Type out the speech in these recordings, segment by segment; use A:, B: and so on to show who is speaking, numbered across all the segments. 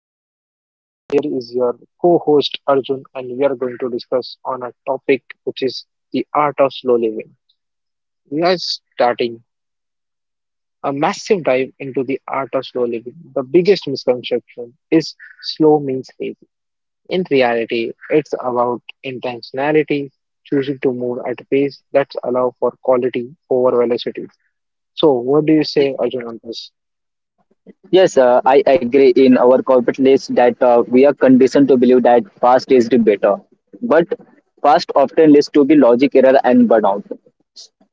A: Aditya, and here is your co host Arjun, and we are going to discuss on a topic which is the art of slow living. We are starting a massive dive into the art of slow living. The biggest misconception is slow means lazy. In reality, it's about intentionality, choosing to move at pace that's allow for quality over velocity. So, what do you say, Arjun, on this?
B: Yes, I agree in our corporate list that we are conditioned to believe that fast is the better. But fast often leads to the logic error and burnout.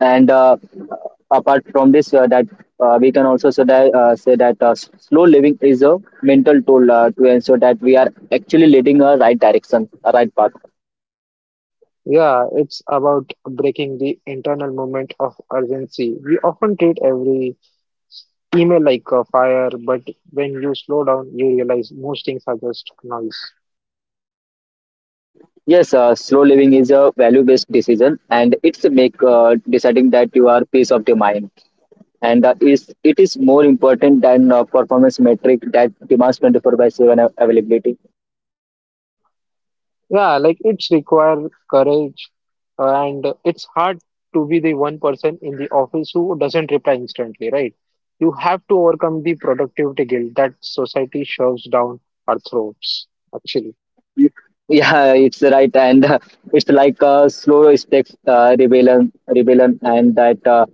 B: And apart from this, that we can also say that slow living is a mental tool to ensure that we are actually leading a right direction, a right path.
A: Yeah, it's about breaking the internal moment of urgency. We often treat every email like a fire, but when you slow down, you realize most things are just noise.
B: Yes, slow living is a value-based decision, and it's make deciding that you are peace of the mind and is more important than performance metric that demands 24 by 7 av- availability.
A: Yeah, like it's require courage, and it's hard to be the one person in the office who doesn't reply instantly, right? You have to overcome the productivity guilt that society shoves down our throats, actually.
B: Yeah, it's right, and it's like a slow step rebellion and that uh,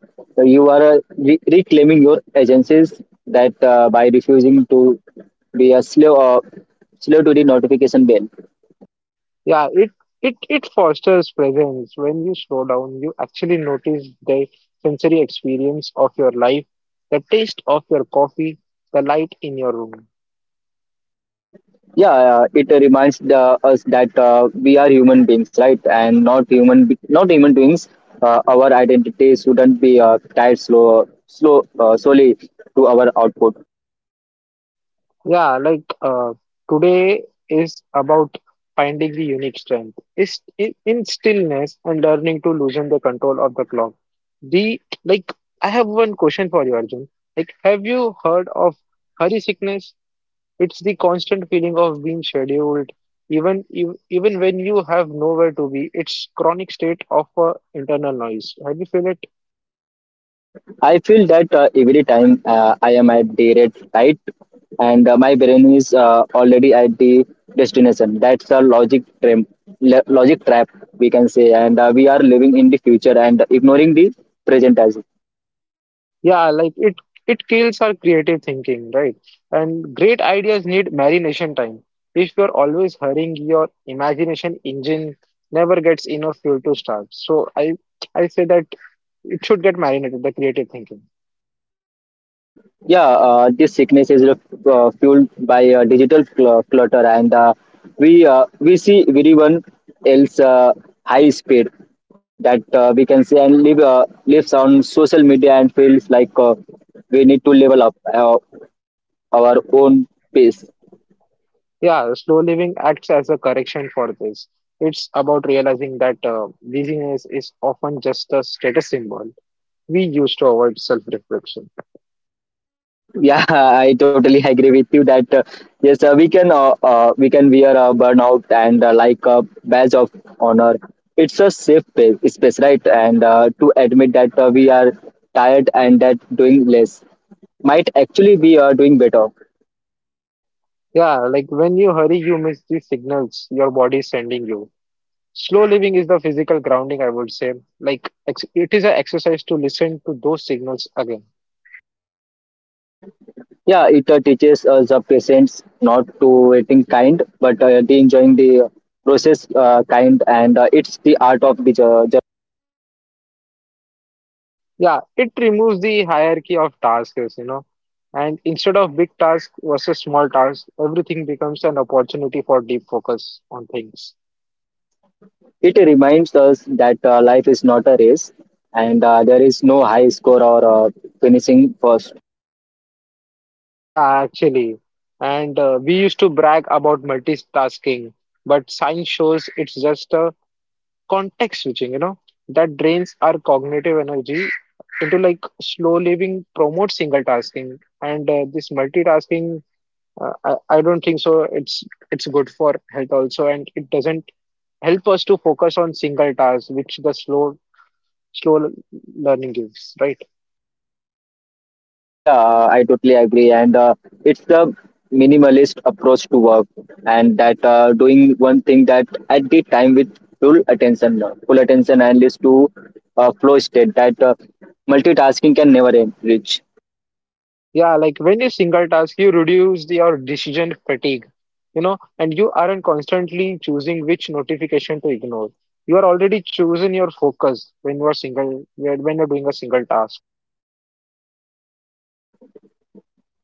B: you are uh, re- reclaiming your agencies that by refusing to be a slow slow to the notification bell.
A: Yeah, it fosters presence. When you slow down, you actually notice the sensory experience of your life, the taste of your coffee, the light in your room.
B: Yeah, it reminds us that we are human beings, right, and not not human beings. Uh, our identity shouldn't be tied slowly to our output.
A: Yeah, like today is about finding the unique strength. Is in stillness and learning to loosen the control of the clock. The like I have one question for you, Arjun. Like, have you heard of hurry sickness? It's the constant feeling of being scheduled, even if, even when you have nowhere to be. It's chronic state of internal noise. Have you feel it?
B: I feel that every time I am at day rate, right, and my brain is already at the destination. That's the logic trap, we can say, and we are living in the future and ignoring the present as.
A: Yeah, like it kills our creative thinking, right? And great ideas need marination time. If you're always hurrying, your imagination engine never gets enough fuel to start. So I say that it should get marinated, the creative thinking.
B: Yeah, this sickness is fueled by digital clutter, and we see everyone else high speed that we can see and live lives on social media and feels like we need to level up our own pace.
A: Yeah, slow living acts as a correction for this. It's about realizing that busyness is often just a status symbol. We use to avoid self-reflection.
B: Yeah, I totally agree with you that we can wear a burnout and like a badge of honor. It's a safe pa- space, right? And to admit that we are tired and that doing less might actually be doing better.
A: Yeah, like when you hurry, you miss the signals your body is sending you. Slow living is the physical grounding, I would say. Like ex it is an exercise to listen to those signals again.
B: Yeah, it teaches us the patience, not to waiting kind, but the enjoying the process kind, and it's the art of the ju-.
A: Yeah, it removes the hierarchy of tasks, you know. And instead of big task versus small task, everything becomes an opportunity for deep focus on things.
B: It reminds us that life is not a race and there is no high score or finishing first.
A: Yeah, actually. And we used to brag about multitasking, but science shows it's just a context switching, you know, that drains our cognitive energy into like slow living, promotes single tasking. And this multitasking, I don't think so. It's good for health also, and it doesn't help us to focus on single tasks, which the slow learning gives, right?
B: Yeah, I totally agree. And it's the minimalist approach to work and that doing one thing that at the time with full attention and leads to a flow state that multitasking can never reach.
A: Yeah, like when you single task, you reduce your decision fatigue, you know, and you aren't constantly choosing which notification to ignore. You are already choosing your focus when you are single, when you're doing a single task.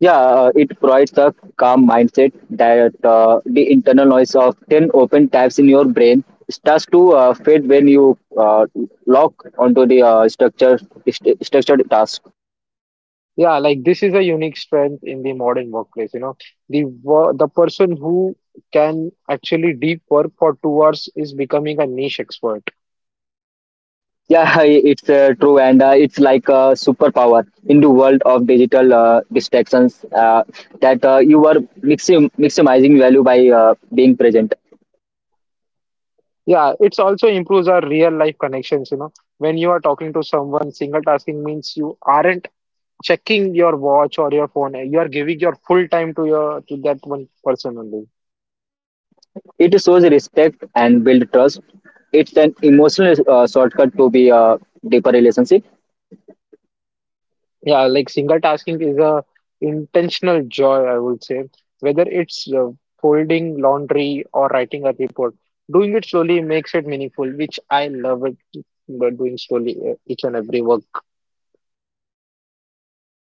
B: Yeah, it provides a calm mindset that the internal noise of 10 open tabs in your brain starts to fade when you lock onto the structured task.
A: Yeah, like this is a unique strength in the modern workplace, you know. The the person who can actually deep work for 2 hours is becoming a niche expert.
B: Yeah, it's true, and it's like a superpower in the world of digital distractions that you are maximizing value by being present.
A: Yeah, it's also improves our real life connections, you know. When you are talking to someone, single tasking means you aren't checking your watch or your phone. You are giving your full time to your to that one person only.
B: It shows respect and build trust. It's an emotional shortcut to be a deeper relationship.
A: Yeah, like single tasking is a intentional joy, I would say, whether it's folding laundry or writing a report. Doing it slowly makes it meaningful, which I love it, but doing slowly each and every work.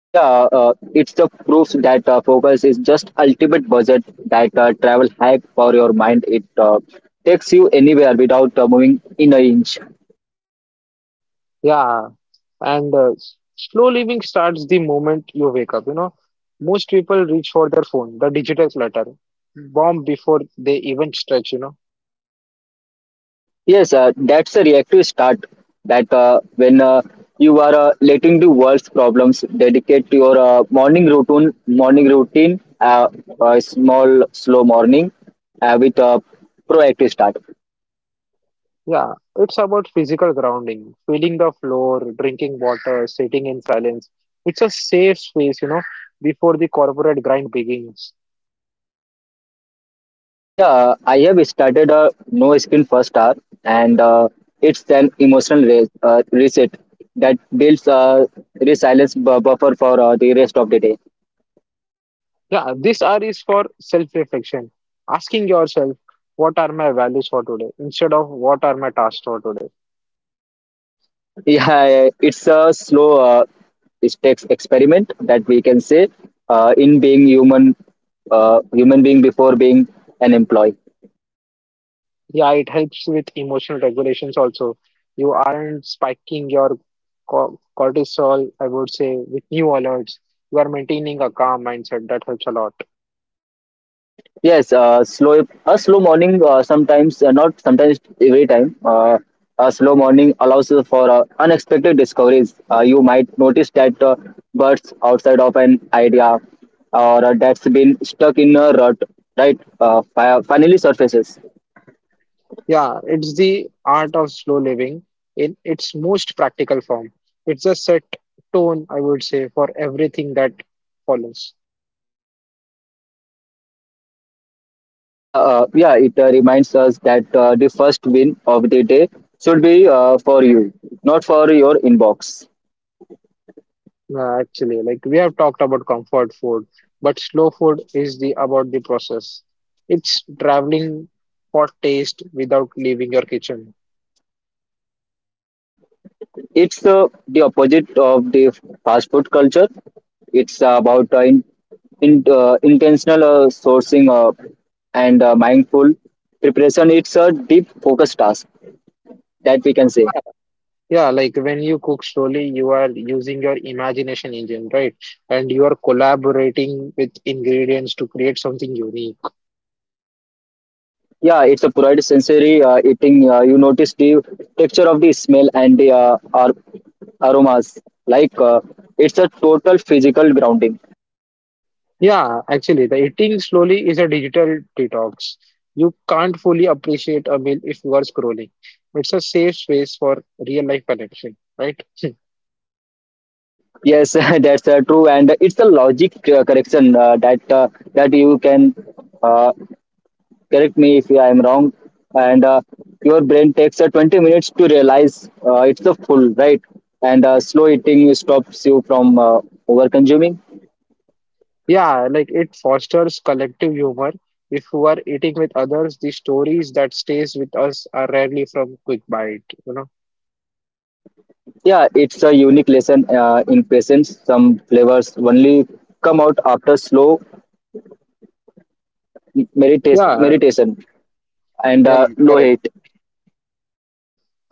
B: Yeah, it's the proof that focus is just ultimate budget, that travel hack for your mind. It takes you anywhere without moving in an inch.
A: Yeah, and slow living starts the moment you wake up, you know. Most people reach for their phone, the digital clutter bomb, before they even stretch, you know.
B: Yes, that's a reactive start. That when you are letting the world's problems dedicate your morning routine, a small slow morning with a proactive start.
A: Yeah, it's about physical grounding, feeling the floor, drinking water, sitting in silence. It's a safe space, you know, before the corporate grind begins.
B: Yeah, I have started a no skin first hour, and it's an emotional reset that builds a resilience buffer for the rest of the day.
A: Yeah, this hour is for self-reflection, asking yourself, what are my values for today instead of what are my tasks for today.
B: Yeah, it's a slow stakes experiment, that we can say, in being human, human being before being an employee.
A: Yeah, it helps with emotional regulations also. You aren't spiking your cortisol, I would say, with new alerts. You are maintaining a calm mindset. That helps a lot.
B: Yes, slow morning. Sometimes not sometimes, every time. A slow morning allows you for unexpected discoveries. You might notice that birds outside of an idea, or that's been stuck in a rut, right? Uh, finally surfaces.
A: Yeah, it's the art of slow living in its most practical form. It's a set tone, I would say, for everything that follows.
B: Yeah. It reminds us that the first win of the day should be for you, not for your inbox.
A: Actually, like we have talked about comfort food, but slow food is the about the process. It's traveling for taste without leaving your kitchen.
B: It's the opposite of the fast food culture. It's about intentional sourcing and mindful preparation. It's a deep focus task, that we can say.
A: Yeah, yeah, like when you cook slowly, you are using your imagination engine, right? And you are collaborating with ingredients to create something unique.
B: Yeah, it's a provide sensory eating. You notice the texture of the smell and the aromas. Like it's a total physical grounding.
A: Yeah, actually, the eating slowly is a digital detox. You can't fully appreciate a meal if you are scrolling. It's a safe space for real life connection, right?
B: Yes, that's true, and it's a logic correction that you can. Uh, correct me if I am wrong. And your brain takes 20 minutes to realize it's the full, right? And slow eating stops you from over consuming.
A: Yeah, like it fosters collective humor. If you are eating with others, the stories that stays with us are rarely from quick bite, you know?
B: Yeah, it's a unique lesson in patience. Some flavors only come out after slow
A: Yeah,
B: meditation and
A: yeah,
B: low
A: correct.
B: hate.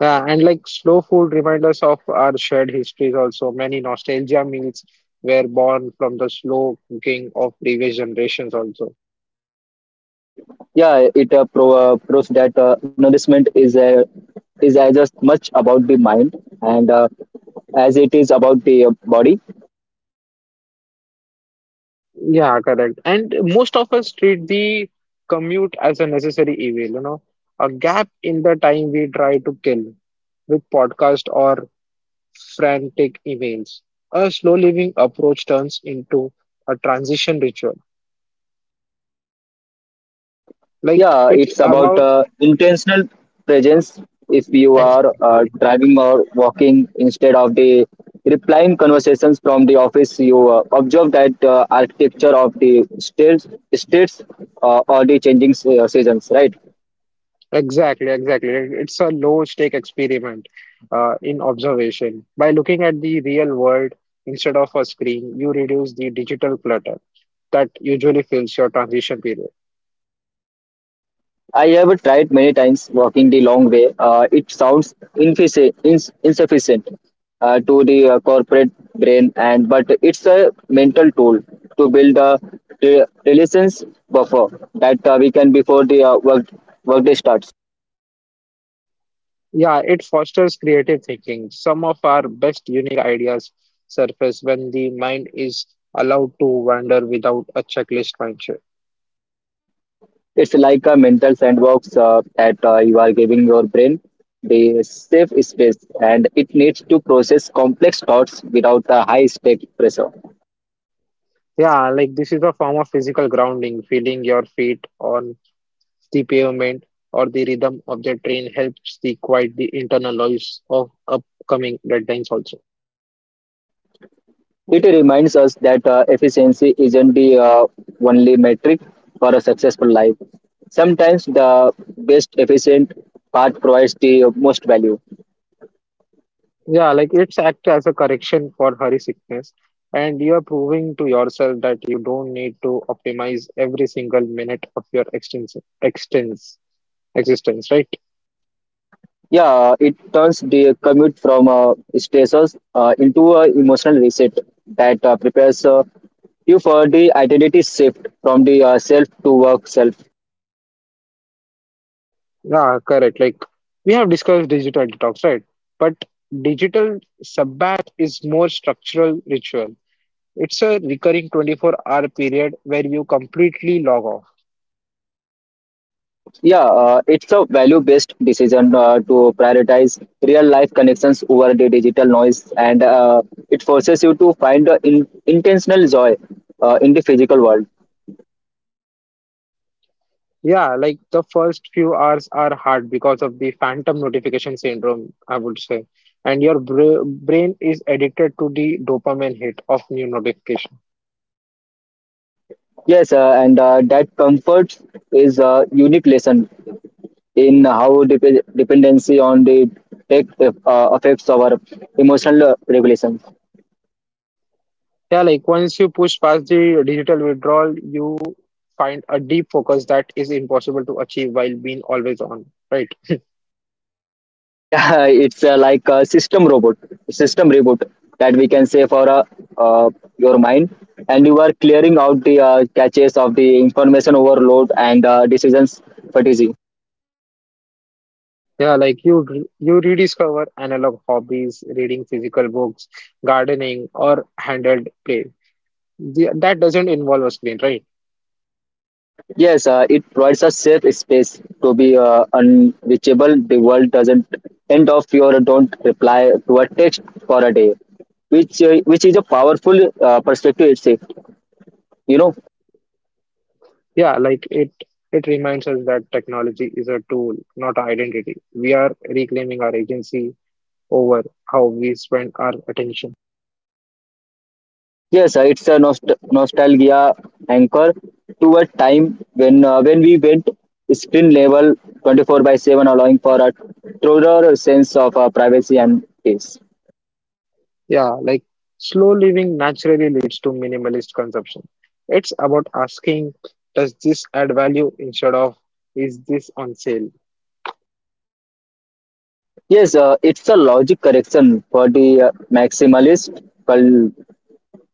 A: Yeah, and like slow food reminds us of our shared histories also. Many nostalgia meals were born from the slow cooking of previous generations also.
B: Yeah, it proves that nourishment is as much about the mind and as it is about the body.
A: Yeah, correct. And most of us treat the commute as a necessary evil, you know, a gap in the time we try to kill with podcast or frantic emails. A slow living approach turns into a transition ritual. Like
B: Yeah,
A: it's
B: it's about
A: about
B: intentional presence. If you are
A: exactly,
B: driving or walking instead of the replying conversations from the office, you observe that architecture of the states or the changing seasons, right?
A: exactly. It's a low stake experiment in observation. By looking at the real world instead of a screen, you reduce the digital clutter that usually fills your transition period.
B: I have tried many times walking the long way. It sounds insufficient to the corporate brain, and but it's a mental tool to build a resilience buffer that we can before the work workday starts.
A: Yeah, it fosters creative thinking. Some of our best unique ideas surface when the mind is allowed to wander without a checklist mindset.
B: It's like a mental sandbox that you are giving your brain the safe space, and it needs to process complex thoughts without the high stake pressure.
A: Yeah, like this is a form of physical grounding. Feeling your feet on the pavement or the rhythm of the train helps the quiet the internal noise of upcoming deadlines also.
B: It reminds us that efficiency isn't the only metric for a successful life. Sometimes the best efficient part provides the most value.
A: Yeah, like it's act as a correction for hurry sickness, and you are proving to yourself that you don't need to optimize every single minute of your extens extens existence, right?
B: Yeah, it turns the commute from stressors into an emotional reset that prepares you for the identity shift from the self to work self.
A: Yeah, correct. Like we have discussed digital detox, right? But digital sabbath is more structural ritual. It's a recurring 24-hour period where you completely log off.
B: Yeah, it's a value based decision to prioritize real life connections over the digital noise, and it forces you to find intentional joy in the physical world.
A: Yeah, like the first few hours are hard because of the phantom notification syndrome, I would say. And your br brain is addicted to the dopamine hit of new notification.
B: Yes, and that comfort is a unique lesson in how dependency on the tech affects our emotional regulation.
A: Yeah, like once you push past the digital withdrawal, you find a deep focus that is impossible to achieve while being always on, right?
B: Yeah, it's like a system reboot, that we can say, for uh, your mind, and you are clearing out the caches of the information overload and decisions fatigue.
A: Yeah, like you you rediscover analog hobbies, reading physical books, gardening, or handheld play. That doesn't involve a screen, right?
B: Yes, it provides a safe space to be unreachable. The world doesn't end of your don't reply to a text for a day, which is a powerful perspective itself, you know.
A: Yeah, like it reminds us that technology is a tool, not an identity. We are reclaiming our agency over how we spend our attention.
B: Yes, it's a nostalgia anchor to a time when we went screen level 24 by 7, allowing for a truer sense of privacy and peace.
A: Yeah, like slow living naturally leads to minimalist consumption. It's about asking, does this add value instead of is this on sale?
B: Yes, it's a logic correction for the maximalist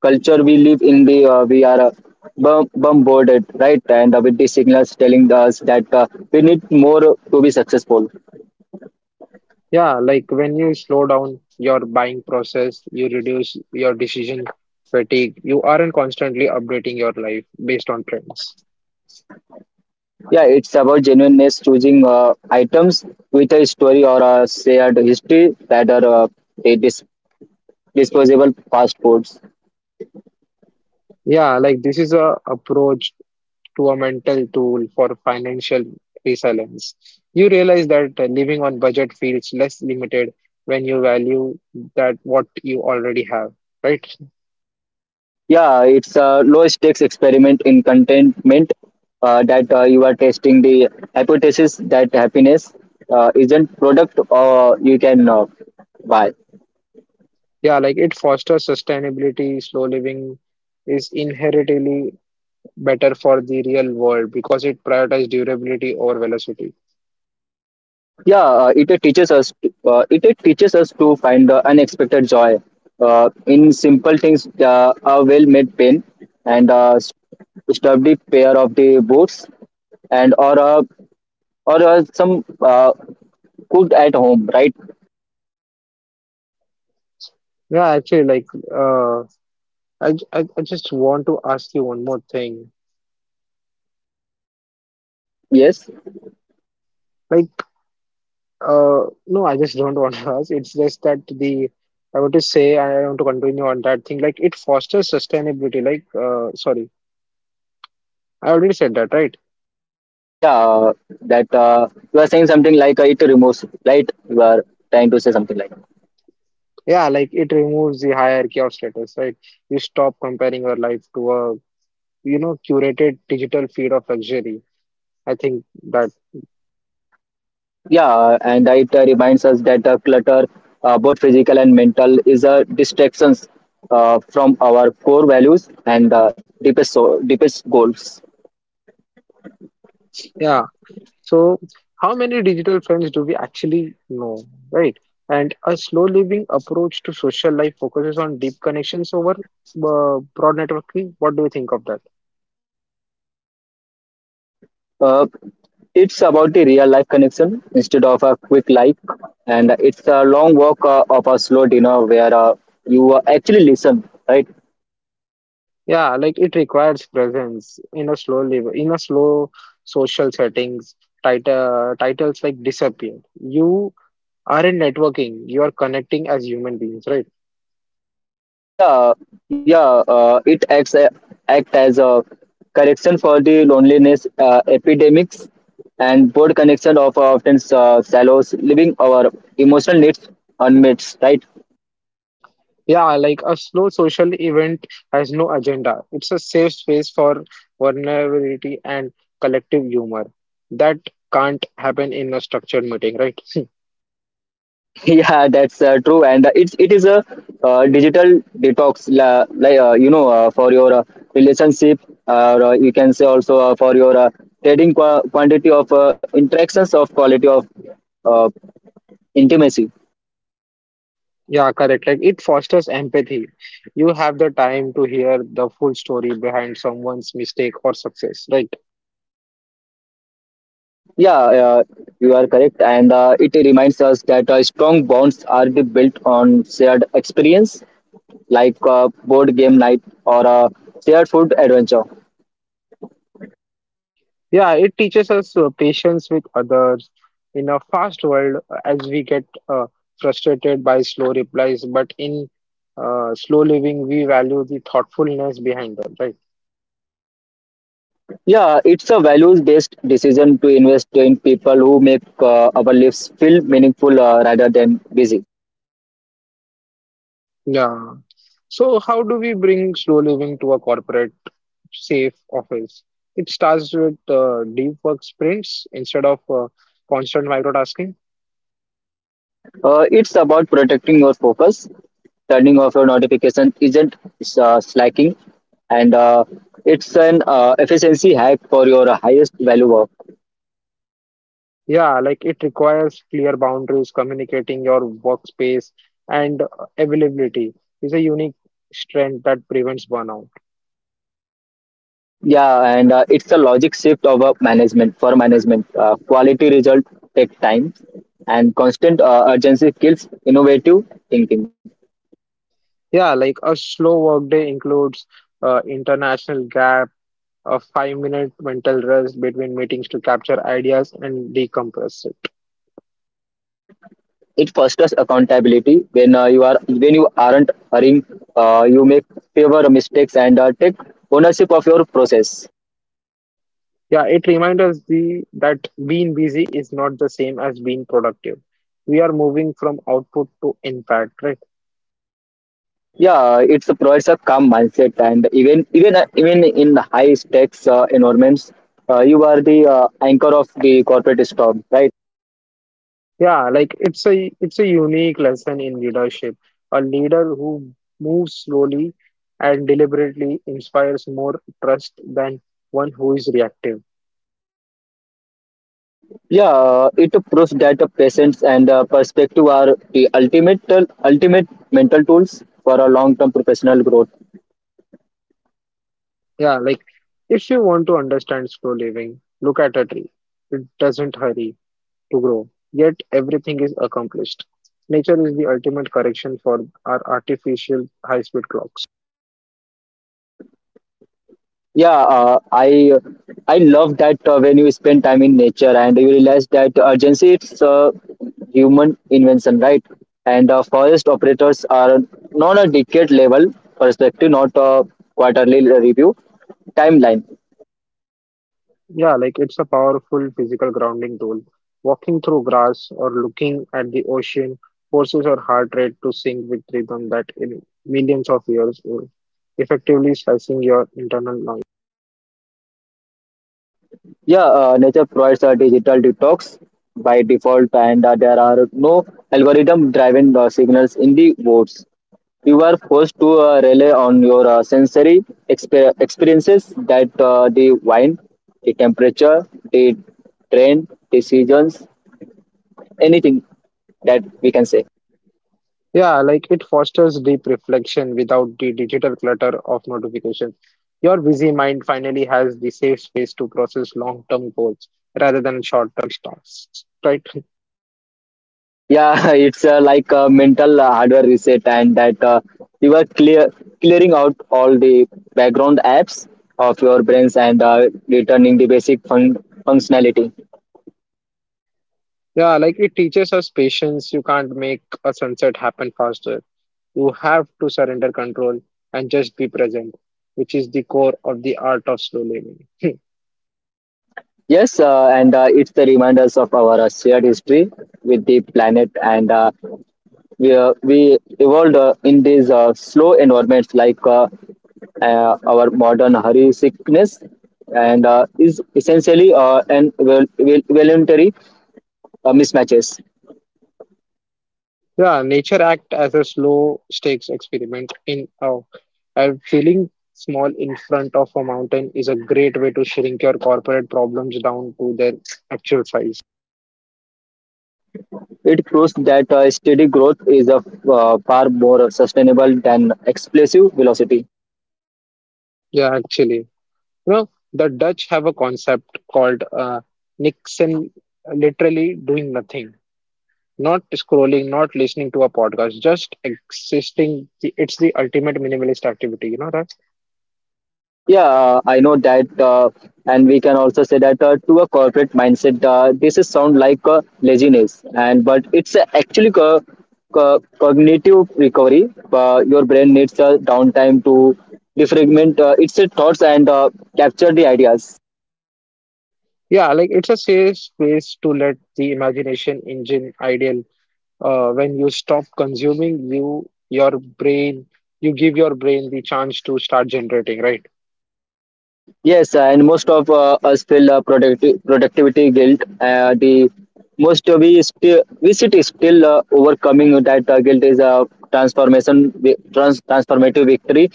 B: culture we live in. The we are bum- bombarded, right, and with the signals telling us that we need more to be successful.
A: Yeah, like when you slow down your buying process, you reduce your decision fatigue. You aren't constantly updating your life based on trends.
B: Yeah, it's about genuineness, choosing items with a story or a shared history, that are a disposable fast foods.
A: Yeah, like this is a approach to a mental tool for financial resilience. You realize that living on budget feels less limited when you value that what you already have, right?
B: Yeah, it's a low stakes experiment in contentment that you are testing the hypothesis that happiness isn't product or you can buy.
A: Yeah, like it fosters sustainability. Slow living is inherently better for the real world because it prioritizes durability over velocity.
B: Yeah, it teaches us to find the unexpected joy in simple things, a well-made pen and a sturdy pair of the boots and or a or some cooked at home, right?
A: Yeah, actually, like uh, I just want to ask you one more thing.
B: Yes.
A: Like, no, I just don't want to ask. It's just that the I want to say I want to continue on that thing. Like it fosters sustainability. Like sorry, I already said that, right?
B: Yeah, that you are saying something like it removes, right? You are trying to say something like.
A: Yeah, like it removes the hierarchy of status, right? You stop comparing your life to a, you know, curated digital feed of luxury. I think that,
B: Yeah, and it reminds us that clutter, both physical and mental, is a distractions from our core values and deepest goals.
A: yeah. So, how many digital friends do we actually know, right? And a slow living approach to social life focuses on deep connections over broad networking. What do you think of that?
B: Uh, it's about the real life connection instead of a quick like, and it's a long walk of a slow dinner where you actually listen, right?
A: Yeah, like it requires presence in a slow social settings. Titles like disappear. You are in networking. You are connecting as human beings, right?
B: Yeah. Yeah, it act as a correction for the loneliness epidemics and board connection of often shallows leaving our emotional needs unmet, right?
A: Yeah, like a slow social event has no agenda. It's a safe space for vulnerability and collective humor. That can't happen in a structured meeting, right?
B: Yeah, that's true, and it is a digital detox la, like you know, for your relationship or you can say also for your trading quantity of interactions of quality of uh, intimacy.
A: Yeah, correct. Like it fosters empathy. You have the time to hear the full story behind someone's mistake or success, right?
B: Yeah, you are correct, and it reminds us that strong bonds are the built on shared experience, like board game night or a shared food adventure.
A: Yeah, it teaches us patience with others in a fast world as we get frustrated by slow replies, but in slow living, we value the thoughtfulness behind them, right?
B: Yeah, it's a values-based decision to invest in people who make our lives feel meaningful rather than busy.
A: Yeah. So, how do we bring slow living to a corporate safe office? It starts with deep work sprints instead of constant microtasking.
B: It's about protecting your focus, turning off your notification isn't slacking, and it's an efficiency hack for your highest value work.
A: Yeah, like it requires clear boundaries, communicating your workspace and availability is a unique strength that prevents burnout.
B: Yeah, and it's a logic shift of a management for management. Quality result take time, and constant urgency kills innovative thinking.
A: Yeah, like a slow workday includes international gap, a 5-minute mental rest between meetings to capture ideas and decompress it.
B: It fosters accountability when you are when you aren't hurrying. You make fewer mistakes and take ownership of your process.
A: Yeah, it reminds us the that being busy is not the same as being productive. We are moving from output to impact, right?
B: Yeah, it provides a calm mindset, and even in high stakes environments, you are the anchor of the corporate storm, right?
A: Yeah, like it's a unique lesson in leadership. A leader who moves slowly and deliberately inspires more trust than one who is reactive.
B: Yeah, it proves that the patience and perspective are the ultimate mental tools for a long term professional growth.
A: Yeah, like if you want to understand slow living, look at a tree. It doesn't hurry to grow, yet everything is accomplished. Nature is the ultimate correction for our artificial high-speed clocks.
B: Yeah, I love that when you spend time in nature and you realize that urgency it's a human invention, right? And forest operators are not a decade level perspective, not a quarterly review timeline.
A: Yeah, like it's a powerful physical grounding tool. Walking through grass or looking at the ocean forces your heart rate to sync with rhythm that in millions of years old, effectively slicing your internal noise.
B: Yeah, nature provides a digital detox by default, and there are no algorithm driven signals in the woods. You are forced to rely on your sensory experiences that the wind, the temperature, the train, the seasons, anything that we can say.
A: Yeah, like it fosters deep reflection without the digital clutter of notifications. Your busy mind finally has the safe space to process long-term goals rather than short-term tasks, right?
B: Yeah, it's like a mental hardware reset and that you are clearing out all the background apps of your brains and returning the basic functionality.
A: Yeah, like it teaches us patience. You can't make a sunset happen faster. You have to surrender control and just be present, which is the core of the art of slow living.
B: Yes, and it's the reminders of our shared history with the planet and we evolved in these slow environments like our modern hurry sickness and is essentially an voluntary mismatches.
A: Yeah, nature act as a slow stakes experiment in a and feeling small in front of a mountain is a great way to shrink your corporate problems down to their actual size.
B: It proves that steady growth is far more sustainable than explosive velocity.
A: Yeah, actually, you know, the Dutch have a concept called Nixon, literally doing nothing. Not scrolling, not listening to a podcast, just existing. It's the ultimate minimalist activity, you know that?
B: Yeah, I know that, and we can also say that to a corporate mindset, this is sound like laziness, and but it's actually cognitive recovery. Your brain needs a downtime to defragment its thoughts and capture the ideas.
A: Yeah, like it's a safe space to let the imagination engine ideal. When you stop consuming, brain, you give your brain the chance to start generating, right?
B: Yes, and most of us feel productivity guilt. The most we still we sit still overcoming that guilt is a transformative victory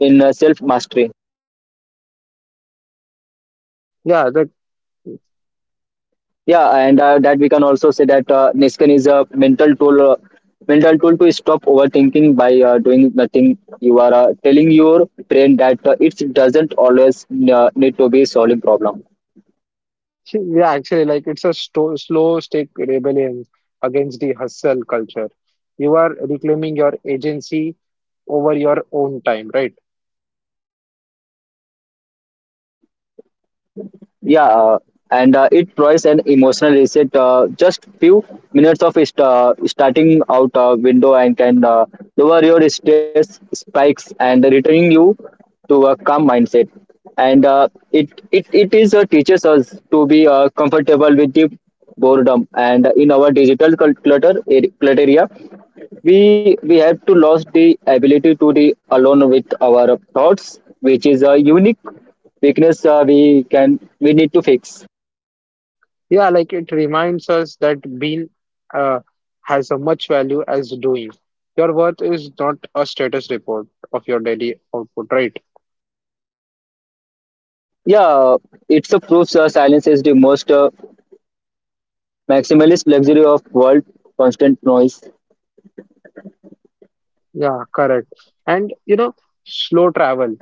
B: in self mastery.
A: Yeah, the
B: Yeah, and that we can also say that Niskan is a mental mental tool to stop overthinking by doing nothing. You are telling your brain that it doesn't always need to be solving problem.
A: yeah, actually, like it's a sto slow stick rebellion against the hustle culture. You are reclaiming your agency over your own time, right?
B: Yeah, and it provides an emotional reset just few minutes of starting out window and can lower your stress spikes and returning you to a calm mindset and it is teaches us to be comfortable with the boredom and in our digital clutter area we we have to lose the ability to be alone with our thoughts which is a unique weakness we need to fix.
A: Yeah, like it reminds us that being uh, has a much value as doing. Your worth is not a status report of your daily output, right?
B: Yeah, it's a proof silence is the most maximalist luxury of world constant noise.
A: Yeah, correct. And you know, slow travel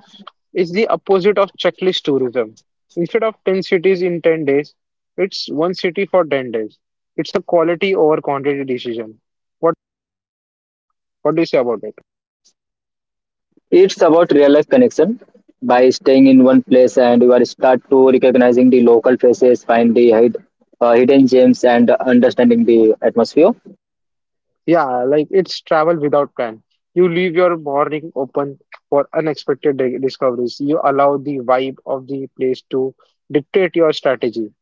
A: is the opposite of checklist tourism. Instead of 10 cities in 10 days, it's one city for 10 days. It's a quality over quantity decision. What what do you say about it?
B: It's about real life connection by staying in one place and you are start to recognizing the local faces find the hidden gems and understanding the atmosphere.
A: Yeah, like it's travel without plan. You leave your morning open for unexpected discoveries. You allow the vibe of the place to dictate your strategy.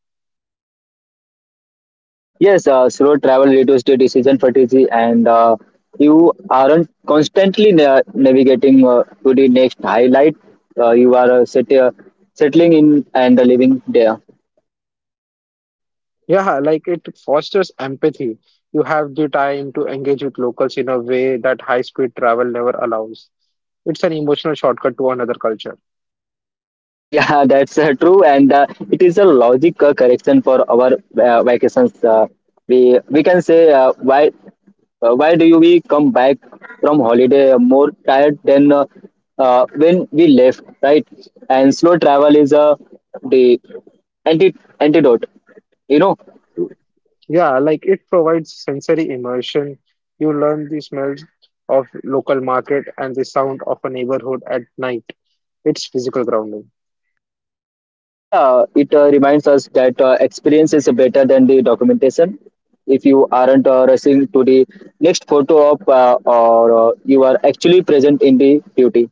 B: Yes, slow travel reduces the decision fatigue, and you aren't constantly navigating to the next highlight. You are settling in and living there.
A: Yeah, like it fosters empathy. You have the time to engage with locals in a way that high-speed travel never allows. It's an emotional shortcut to another culture.
B: Yeah, that's true, and it is a logic correction for our vacations. We we can say why do you we come back from holiday more tired than when we left, right? And slow travel is the anti antidote, you know.
A: Yeah, like it provides sensory immersion. You learn the smells of local market and the sound of a neighborhood at night. It's physical grounding.
B: Yeah, it reminds us that experience is better than the documentation if you aren't rushing to the next photo op, or you are actually present in the duty.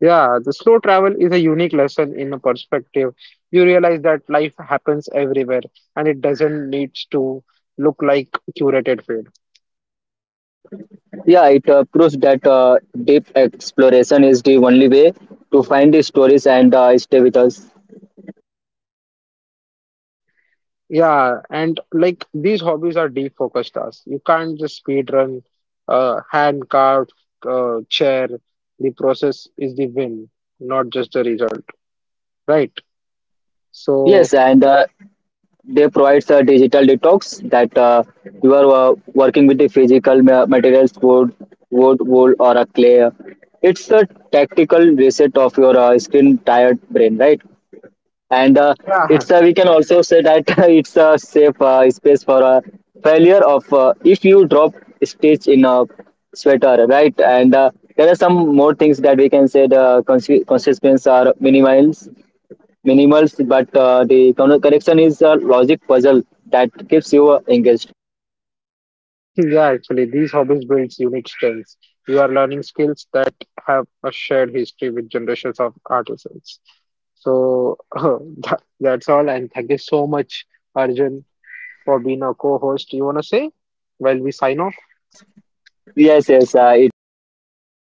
A: Yeah, the slow travel is a unique lesson in a perspective. You realize that life happens everywhere and it doesn't need to look like curated feed.
B: Yeah, it proves that deep exploration is the only way to find the stories and stay with us.
A: Yeah, and like these hobbies are deep focused tasks. You can't just speed run, hand carved chair. The process is the win, not just the result, right? So,
B: Yes, and they provides a digital detox that you are working with the physical materials wood wool or a clay. It's a tactical reset of your screen tired brain, right? And
A: yeah,
B: it's we can also say that it's a safe space for a failure of if you drop stitch in a sweater, right? And there are some more things that we can say the consequences are minimals, but the connection is a logic puzzle that keeps you engaged.
A: Yeah, actually, these hobbies builds unique strengths. You are learning skills that have a shared history with generations of artisans. So that's all, and thank you so much, Arjun, for being our co-host. You wanna say while we sign off?
B: Yes, yes, it was really a great